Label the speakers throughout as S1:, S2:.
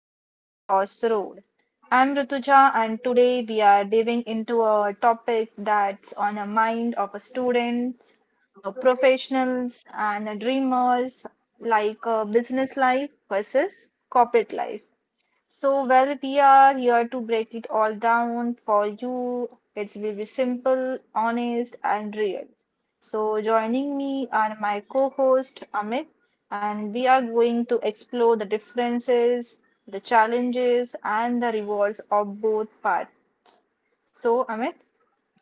S1: career crossroad. I'm Rituja, and today we are diving into a topic that's on the mind of a students, a professionals, and a dreamers, like a business life versus corporate life. We are here to break it all down for you. It will be simple, honest, and real. So, joining me are my co host Amit, and we are going to explore the differences, the challenges, and the rewards of both parts. So, Amit,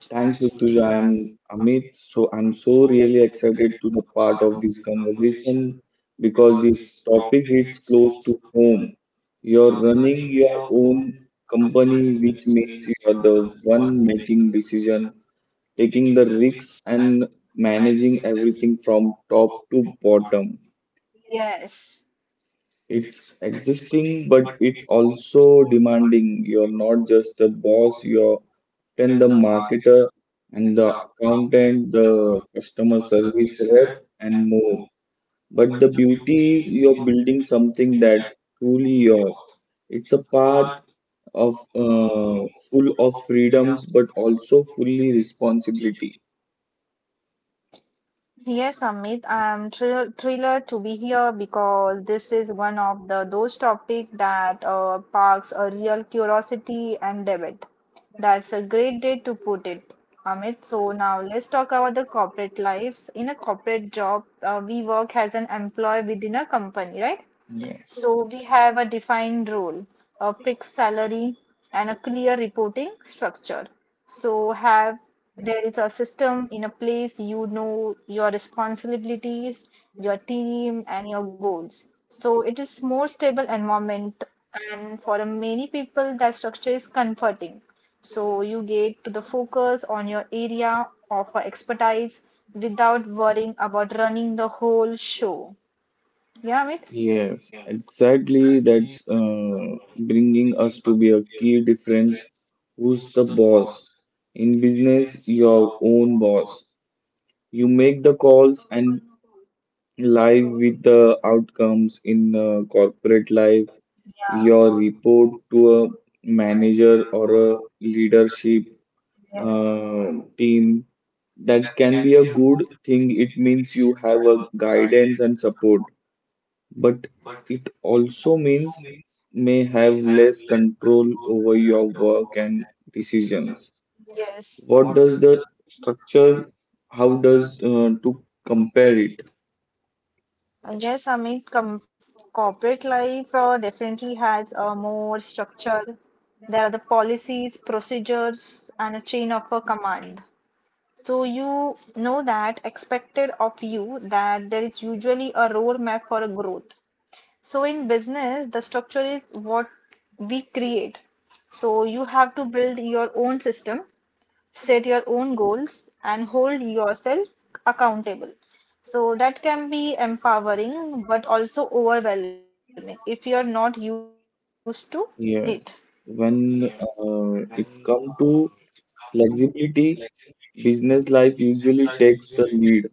S2: Thanks, Rutuja. I'm Amit. So I'm so really excited to the part of this conversation because this topic hits close to home. You're running your own company, which means you are the one making decision, taking the risks and managing everything from top to bottom.
S1: yes.
S2: It's existing, but it's also demanding. You're not just the boss, you're then the marketer and the accountant, the customer service rep, and more. But the beauty is you're building something that truly yours. It's a part of full of freedoms, but also fully responsibility.
S1: Yes, Amit, I'm thrilled to be here because this is one of the those topics that sparks a real curiosity and debate. That's a great day to put it, Amit. So now let's talk about the corporate lives. In a corporate job, we work as an employee within a company, right?
S2: Yeah.
S1: So we have a defined role, a fixed salary, and a clear reporting structure. So have there is a system in a place, you know your responsibilities, your team, and your goals. So it is more stable environment, and for many people that structure is comforting. So you get to the focus on your area of expertise without worrying about running the whole show. Yeah, Amit?
S2: Yes, exactly. That's bringing us to be a key difference. Who's the boss? In business, your own boss. You make the calls and live with the outcomes in corporate life, your report to a manager or a leadership
S1: Yeah,
S2: uh, team. That can be a good thing. It means you have a guidance and support but it also means may have less control over your work and decisions.
S1: yes.
S2: What does the structure, how does to compare it?
S1: And yes, I mean, com corporate life definitely has a more structure. There are the policies, procedures, and a chain of a command. So you know that expected of you, that there is usually a roadmap for a growth. So in business, the structure is what we create. So you have to build your own system, set your own goals, and hold yourself accountable. So that can be empowering but also overwhelming if you're not used to it.
S2: Yes, when it's come to flexibility, business life usually takes the lead.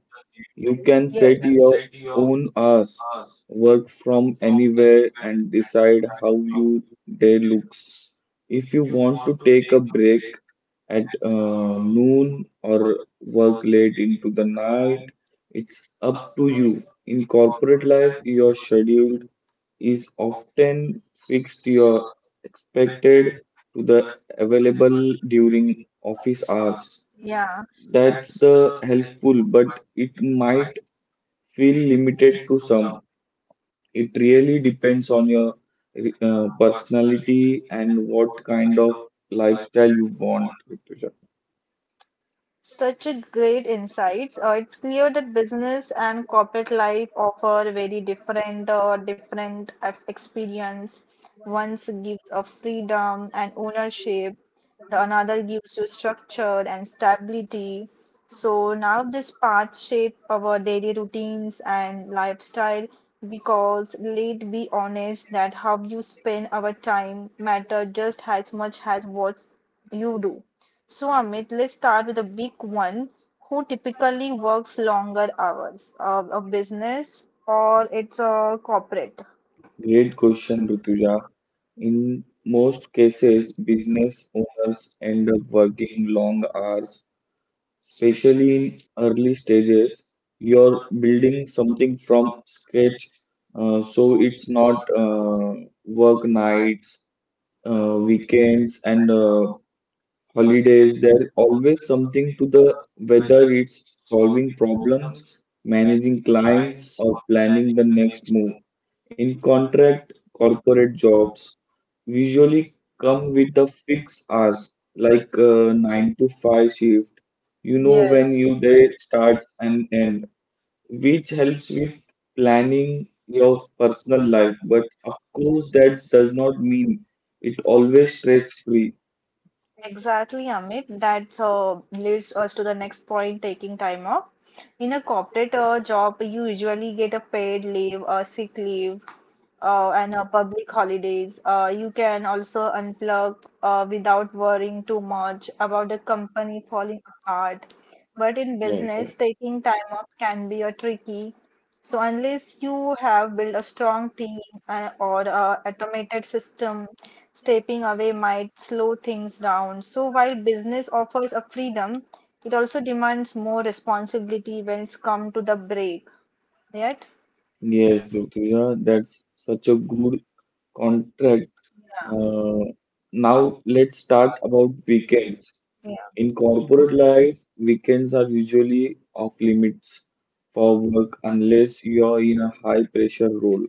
S2: You
S1: Yes.
S2: can set your own hours, work from anywhere, and decide how your day looks. If you want to take a break at noon or work late into the night, it's up to you. In corporate life, your schedule is often fixed. You're expected to the available during office hours.
S1: Yeah.
S2: That's the helpful, but it might feel limited to some. It really depends on your personality and what kind of lifestyle you want, Rituja.
S1: Such a great insights. It's clear that business and corporate life offer very different experience. One gives a freedom and ownership, the another gives you structure and stability. So now this path shape our daily routines and lifestyle, because let's be honest that how you spend our time matter just as much as what you do. So Amit, let's start with a big one. Who typically works longer hours? A business or it's a corporate?
S2: Great question, Rutuja. In most cases, business owners end up working long hours, especially in early stages. You're building something from scratch, so it's not work nights, weekends, and holidays, there's always something to the whether it's solving problems, managing clients, or planning the next move. In contract, corporate jobs usually come with the fixed hours, like 9 to 5 shift. You know
S1: Yes,
S2: when your day starts and end, which helps with planning your personal life. But of course, that does not mean it always stress free.
S1: exactly, Amit. That leads us to the next point, taking time off. In a corporate job, you usually get a paid leave, a sick leave, and public holidays. You can also unplug without worrying too much about the company falling apart. But in
S2: Yes,
S1: business, taking time off can be a tricky. So unless you have built a strong team or a automated system, stepping away might slow things down. So while business offers a freedom, it also demands more responsibility when it's come to the break. Yet,
S2: yes, Rutuja, that's such a good contract.
S1: yeah,
S2: Uh, Now let's start about weekends. In corporate life,
S1: yeah.
S2: weekends are usually off limits for work unless you're in a high pressure role.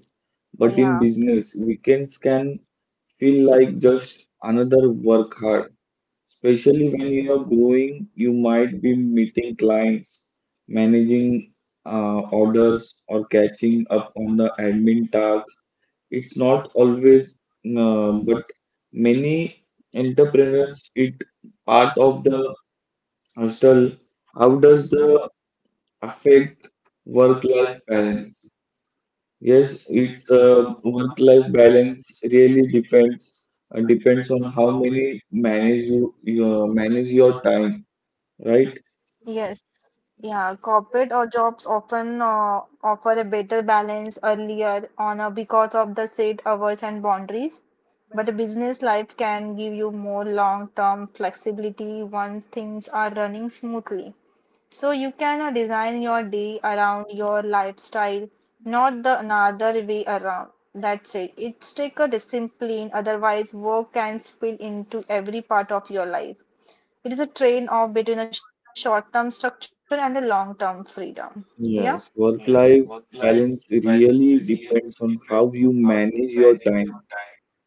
S1: Oh,
S2: But
S1: yeah.
S2: in business, weekends can feel like just another work hard, especially when you are growing, you might be meeting clients, managing orders, or catching up on the admin tasks. It's not always, but many entrepreneurs, it part of the Ashton, how does the affect work-life balance? Yes, it's work-life balance really depends on how many manage you manage your time, right?
S1: Yes, yeah, corporate or jobs often offer a better balance earlier on because of the set hours and boundaries. But a business life can give you more long-term flexibility once things are running smoothly. So you can design your day around your lifestyle, not the another way around. That's it. It's take a discipline, otherwise work can spill into every part of your life. It is a trade-off between a short-term structure and a long-term freedom. Yeah.
S2: Yes, work-life balance really depends on how you manage your time.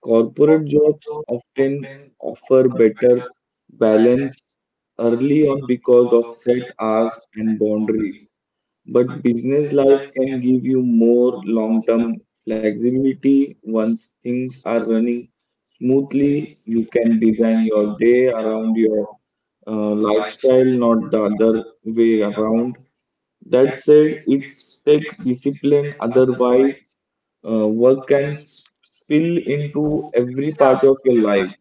S2: Corporate jobs often offer better balance early on because of set hours and boundaries. But business life can give you more long term flexibility. Once things are running smoothly, you can design your day around your lifestyle, not the other way around. That said, it takes discipline, otherwise, work can spill into every part of your life.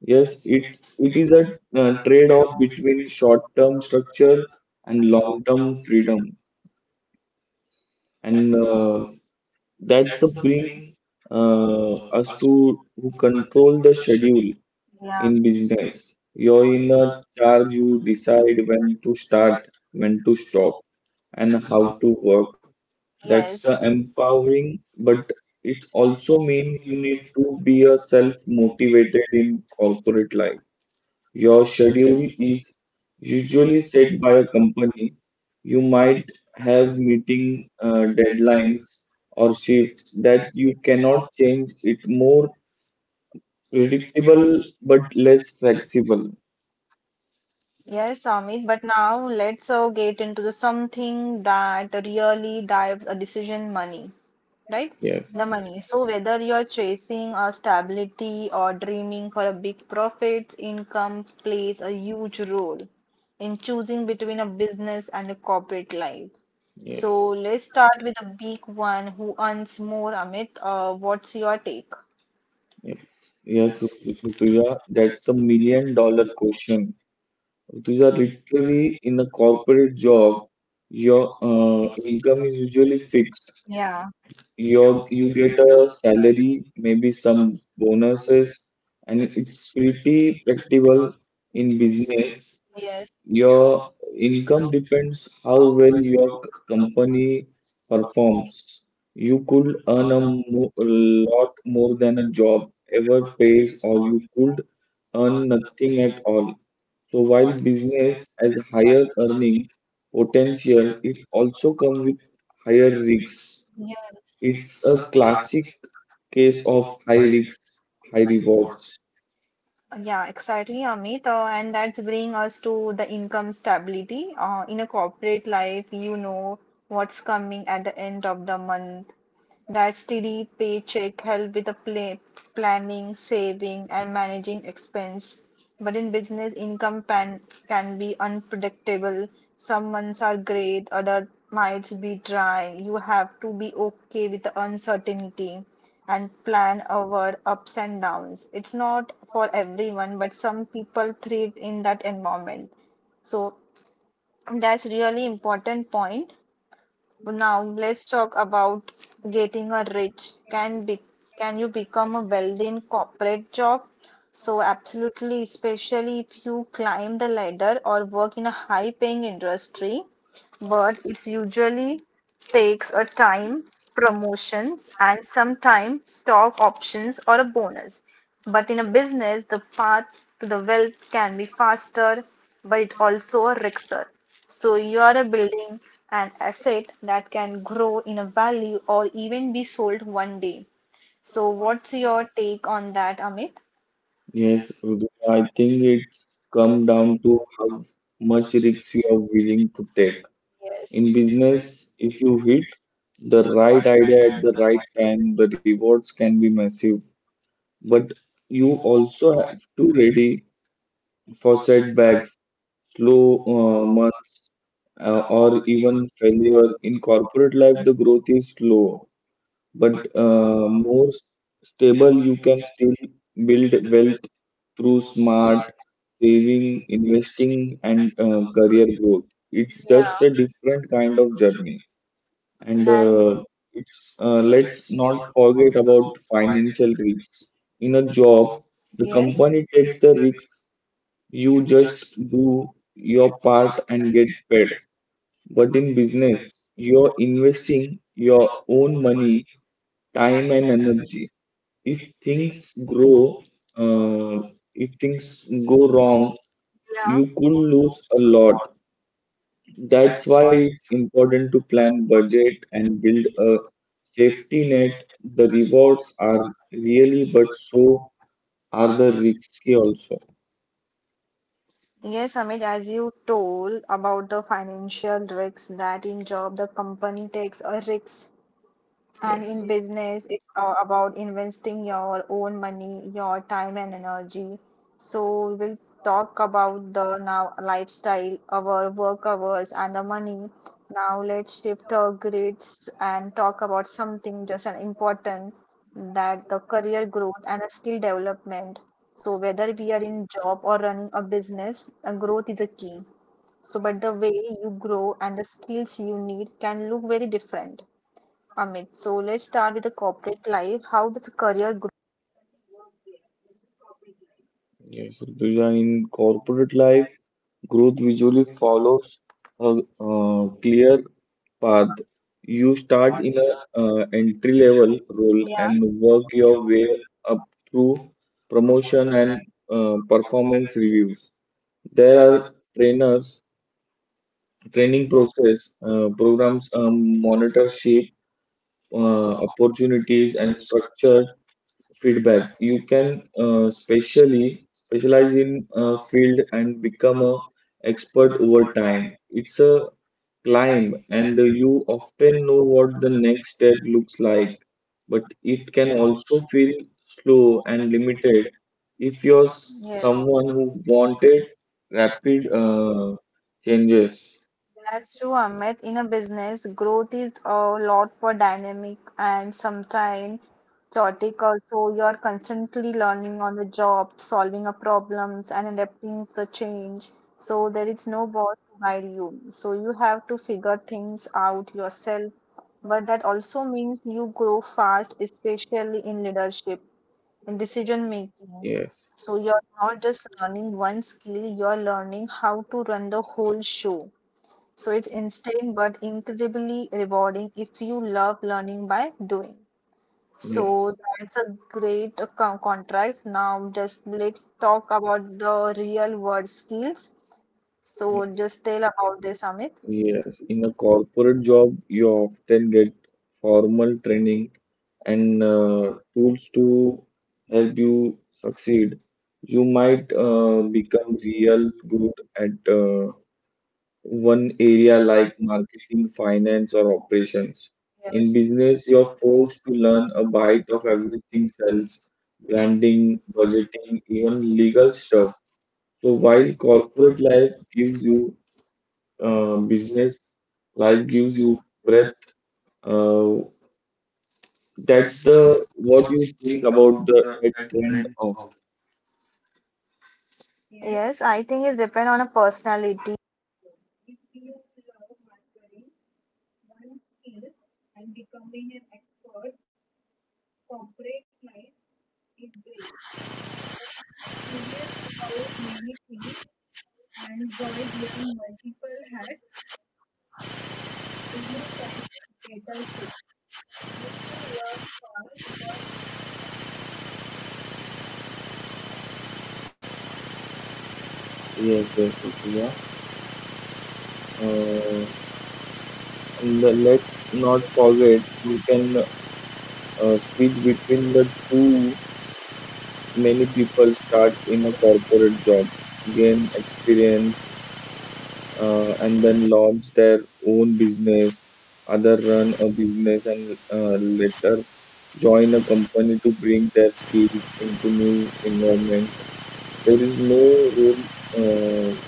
S2: Yes, it is a trade-off between short-term structure and long-term freedom, and that's the bring us to who control the schedule
S1: Yeah,
S2: in business. You're in a charge. You decide when to start, when to stop, and how to work. That's
S1: yes.
S2: the
S1: Extra
S2: empowering,
S1: empowering.
S2: but it also means you need to be a self-motivated in corporate life. Your schedule is usually set by a company. You might have meeting deadlines or shifts that you cannot change. It more predictable but less flexible.
S1: Yes, Amit. But now let's get into the something that really drives a decision: money, right?
S2: Yes.
S1: The yes. Money. So whether you're chasing a stability or dreaming for a big profit, income plays a huge role in choosing between a business and a corporate life.
S2: Yes,
S1: So let's start with the big one. Who earns more, Amit? What's your take?
S2: yes, yes, Rutuja, that's the million-dollar question. Rutuja, literally in a corporate job, your income is usually fixed.
S1: Yeah.
S2: You get a salary, maybe some bonuses, and it's pretty predictable in business.
S1: Yes,
S2: Your income depends how well your company performs. You could earn a lot more than a job ever pays, or you could earn nothing at all. So while business has higher earning potential, it also comes with higher risks.
S1: yes.
S2: It's a classic case of high risks, high rewards.
S1: Yeah, exactly, Amit. And that's bring us to the income stability. In a corporate life, you know what's coming at the end of the month. That steady paycheck help with the planning, saving, and managing expense. But in business, can be unpredictable. Some months are great, other might be dry. You have to be okay with the uncertainty and plan our ups and downs. It's not for everyone, but some people thrive in that environment. So that's really important point. Now let's talk about getting a rich. Can you become a wealthy in corporate job? So absolutely, especially if you climb the ladder or work in a high-paying industry. But it's usually takes a time, promotions, and sometimes stock options or a bonus. But in a business, the path to the wealth can be faster, but it also a risker. So you are a building an asset that can grow in a value or even be sold one day. So what's your take on that, Amit?
S2: Yes, Rudu, I think it's come down to how much risks you are willing to take.
S1: Yes.
S2: In business, if you hit the right idea at the right time, the rewards can be massive. But you also have to ready for setbacks, slow months, or even failure. In corporate life, the growth is slow, but more stable you can still build wealth through smart saving investing and career growth. It's
S1: Yeah.
S2: just a different kind of journey, and
S1: And
S2: it's let's not forget about financial risk in a job. The
S1: yes.
S2: company takes the risk. You just do your part and get paid, but in business you're investing your own money, time and energy. If things grow, uh, if things go wrong,
S1: Yeah.
S2: you could lose a lot. That's why it's important to plan, budget, and build a safety net. The rewards are really, but so are the risky also.
S1: Yes, Amit, as you told about the financial risks that in job the company takes a risk. And
S2: Yes.
S1: in business, it's about investing your own money, your time and energy. So we will talk about the now lifestyle, our work hours and the money. Now let's shift our grids and talk about something just an important, that the career growth and the skill development. So whether we are in job or running a business, growth is a key. So but the way you grow and the skills you need can look very different. Amit, so let's start with the corporate life. How does career growth?
S2: Yes, Rutuja, in corporate life, growth usually follows a clear path. You start in a entry level role and work your way up through promotion and performance reviews. There are trainers, training process, programs, monitorship, opportunities, and structure feedback. You can specially specialize in a field and become a expert over time. It's a climb, and you often know what the next step looks like, but it can also feel slow and limited if you're someone who wanted rapid changes.
S1: That's true, Amit. In a business, growth is a lot more dynamic and sometimes chaotic also. You're constantly learning on the job, solving a problems and adapting to the change. So there is no boss to guide you. So you have to figure things out yourself. But that also means you grow fast, especially in leadership, in decision making.
S2: Yes.
S1: So you're not just learning one skill, you're learning how to run the whole show. So it's insane but incredibly rewarding if you love learning by doing.
S2: Yes.
S1: So that's a great contrast. Now just let's talk about the real world skills. So just tell about this, Amit.
S2: Yes, in a corporate job, you often get formal training and tools to help you succeed. You might become real good at one area like marketing, finance, or operations. In
S1: Yes,
S2: business, you're forced to learn a bite of everything sales, branding, budgeting, even legal stuff. So while corporate life gives you business life gives you breath. Uh, that's the what you think about the that trend of
S1: yes. I think it depends on a personality.
S2: yes, yes, Rutuja. Uh, and let's not forget you can switch between the two. Many people starts in a corporate job, gain experience and then launch their own business, other run a business and later join a company to bring their skills into new environment. There is no rule uh,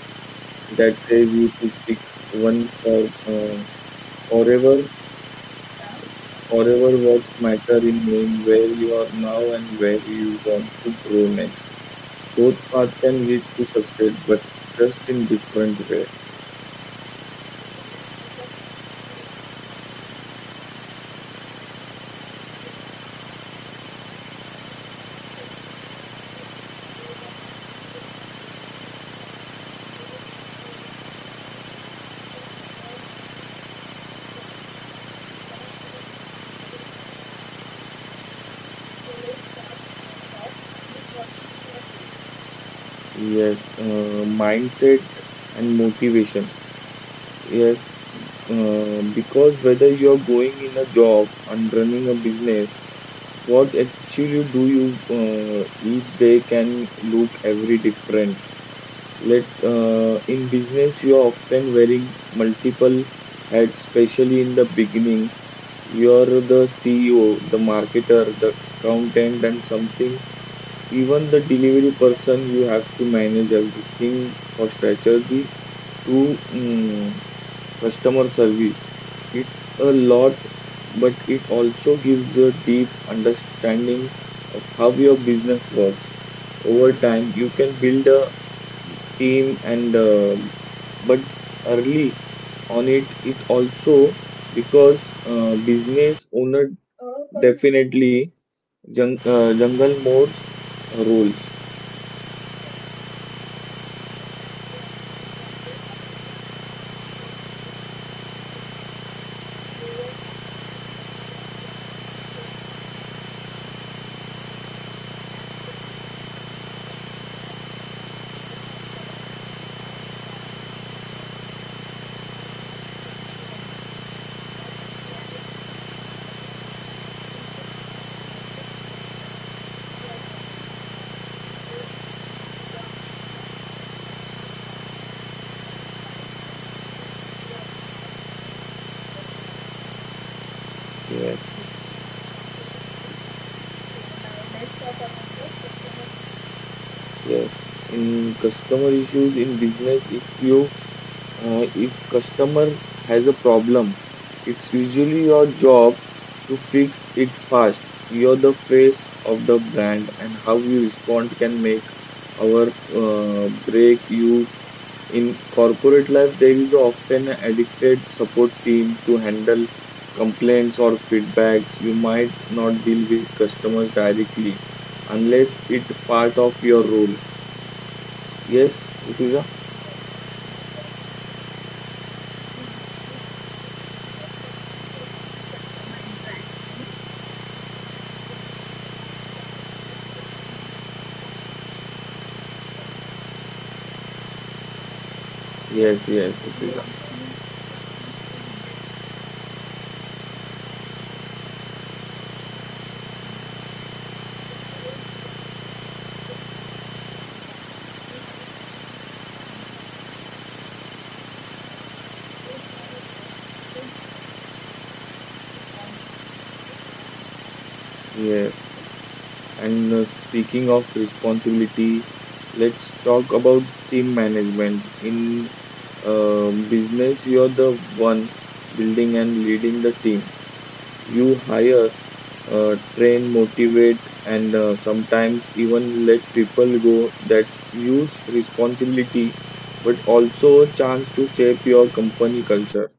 S2: that says you to pick one for forever. Forever words matter in knowing where you are now and where you want to grow next. Both paths can lead to success, but just in different way. Yes, mindset and motivation. Yes, because whether you are going in a job and running a business, what actually do you each day can look every different. Let In business you are often wearing multiple hats, especially in the beginning. You're the CEO, the marketer, the accountant, and something even the delivery person, you have to manage everything for strategy to customer service. It's a lot, but it also gives you a deep understanding of how your business works. Over time, you can build a team and but early on it also because business owner definitely jungle more roles. Yes, yes. In customer issues in business, if customer has a problem, it's usually your job to fix it fast. You're the face of the brand, and how you respond can make or break you. In corporate life, there is often an addicted support team to handle complaints or feedbacks. You might not deal with customers directly unless it part of your role. Yes, Rutuja? Yes, yes, Rutuja. Yes. And speaking of responsibility, let's talk about team management. In business, you're the one building and leading the team. You hire, train, motivate, and sometimes even let people go. That's huge responsibility, but also a chance to shape your company culture.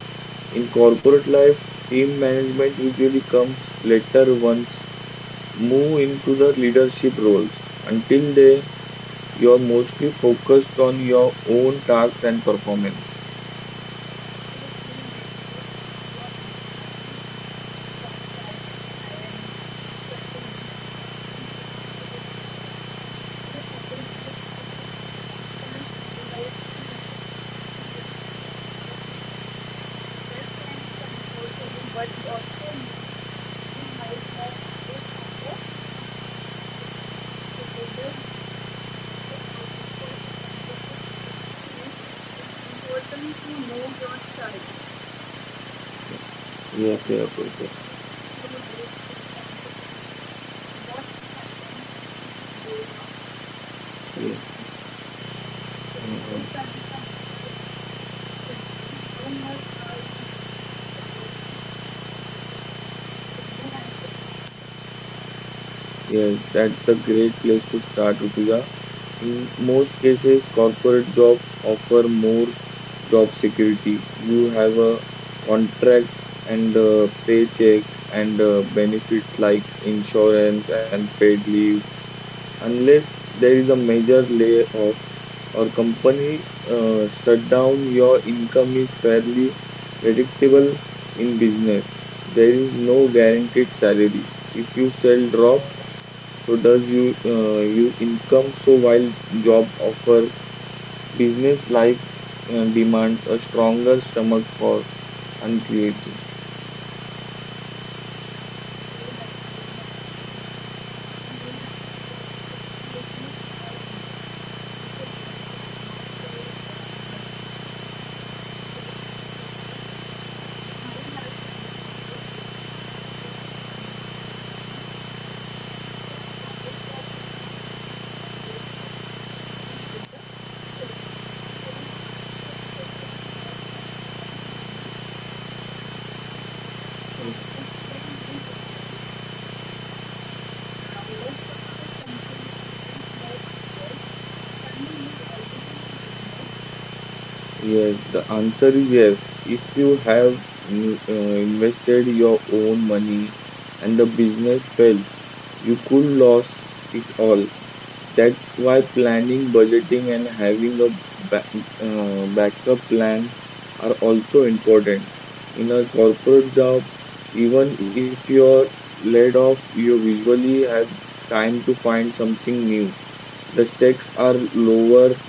S2: In corporate life, team management usually comes later once move into the leadership roles. Until they, you're mostly focused on your own tasks and performance. Ye- Yes, yes, okay. Yes. Uh, yes, that's the great place to start, Rutuja. In most cases, corporate jobs offer more job security. You have a contract and a paycheck and benefits like insurance and paid leaves. Unless there is a major layoff or company shut, your income is fairly predictable in business. There is no guaranteed salary. If you sell drop, so does you income. So while job offer business life demands a stronger stomach for uncreative. Yes, the answer is yes. If you have invested your own money and the business fails, you could lose it all. That's why planning, budgeting, and having a ba- backup plan are also important. In a corporate job, even if you're laid off, you visually have time to find something new. The stakes are lower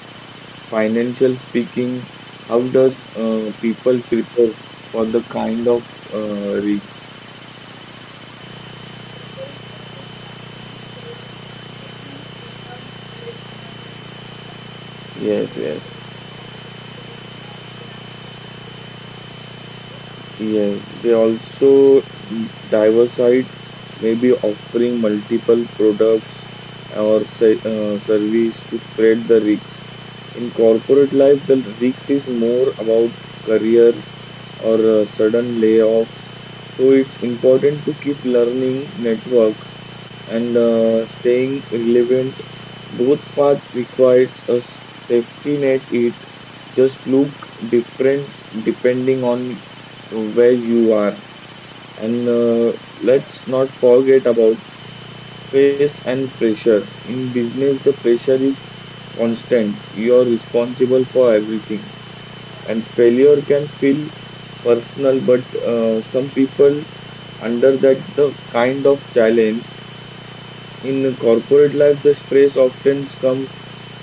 S2: financial speaking, how does people prepare for the kind of risks? Yes, yes, yes. They also diversify, maybe offering multiple products or service to spread the risks. In corporate life, the risks is more about career or sudden layoffs. So it's important to keep learning networks and staying relevant. Both path requires a safety net. It just look different depending on where you are. And let's not forget about stress and pressure. In business, the pressure is constant. You're responsible for everything. And failure can feel personal, but some people under that the kind of challenge. In corporate life, the stress often comes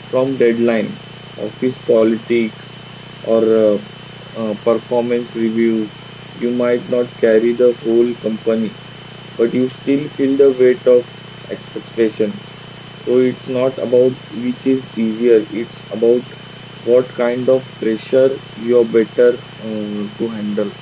S2: from deadline, office politics, or performance review. You might not carry the whole company, but you still feel the weight of expectation. So it's not about which is easier, it's about what kind of pressure you're better to handle.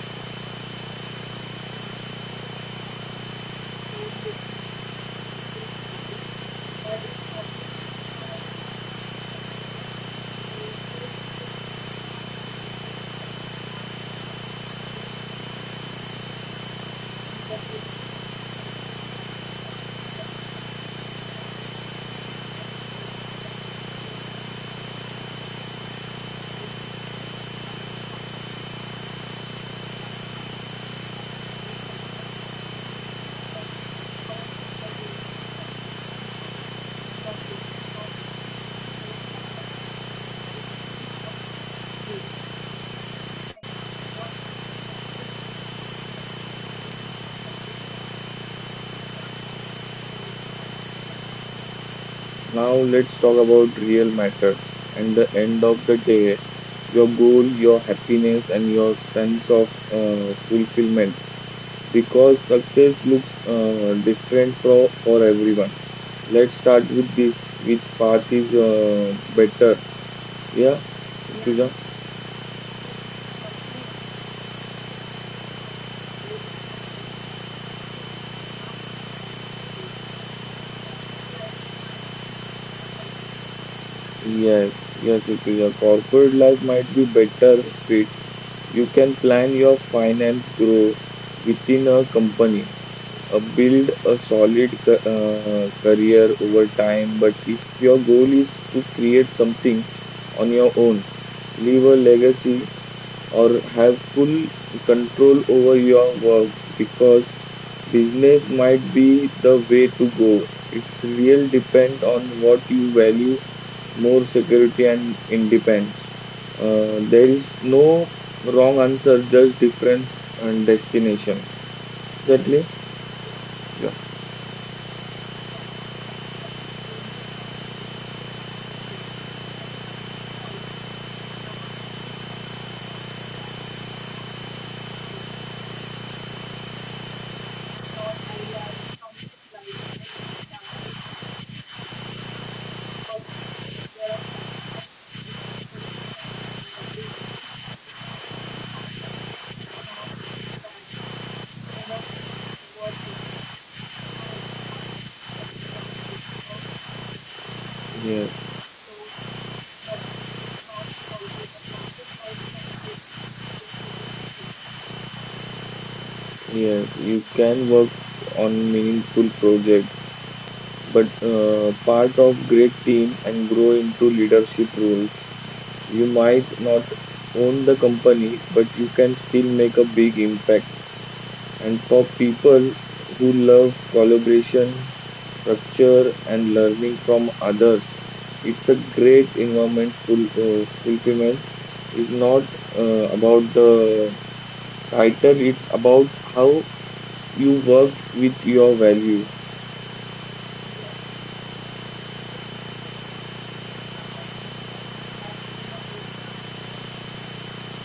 S2: Now let's talk about real matters. And the end of the day, your goal, your happiness, and your sense of fulfillment. Because success looks different for everyone. Let's start with this. Which path is better? Yeah, Tuja? Yes, yes, Rituja. Corporate life might be better fit. You can plan your finance grow within a company, build a solid career over time. But if your goal is to create something on your own, leave a legacy, or have full control over your work because business might be the way to go. It's real depend on what you value more security and independence. There is no wrong answer, just difference and destination. Exactly. Yes. Yes. You can work on meaningful projects but part of great team and grow into leadership roles. You might not own the company, but you can still make a big impact. And for people who loves collaboration, structure, and learning from others, it's a great environment. Full Fulfillment is not about the title; it's about how you work with your values.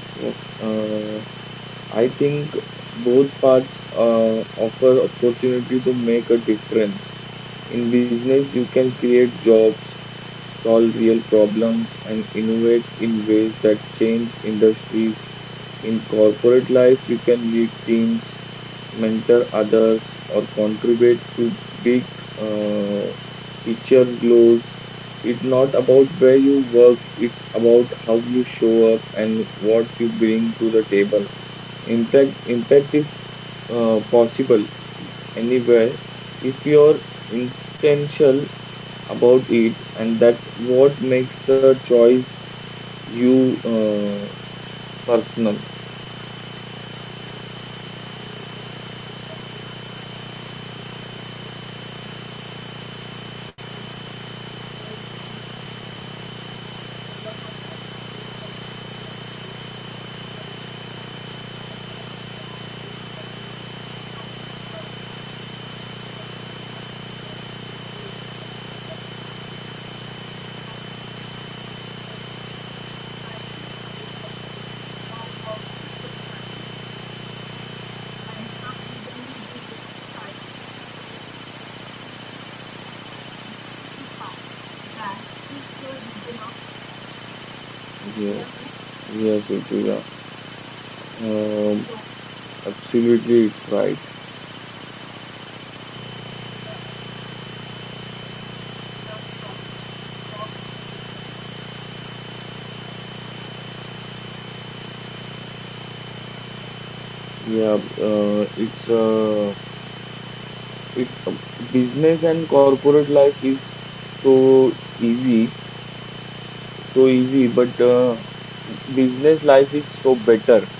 S2: Yes. I think both paths offer opportunity to make a difference. In business, you can create jobs, solve real problems, and innovate in ways that change industries. In corporate life, you can lead teams, mentor others, or contribute to big uh, picture goals. It's not about where you work, it's about how you show up and what you bring to the table. Impact is possible anywhere if you're intentional about it, and that what makes the choice you personal. Yes, yes, Utuja. Um, Absolutely, it's right. Yeah, it's business and corporate life is so easy, so easy, but business life is so better.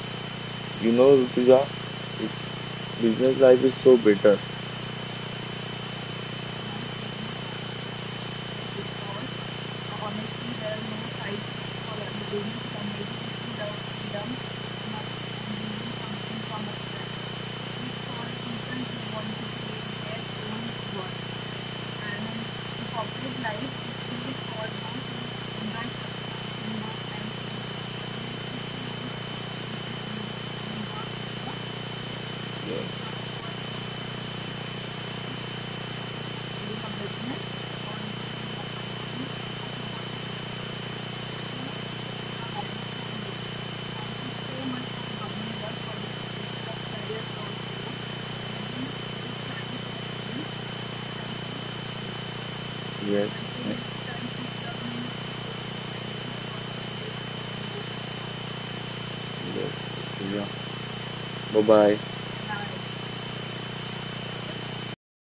S2: You know, Rutuja, it's business life is so better. Yes, yes, yes, Rutuja. Bye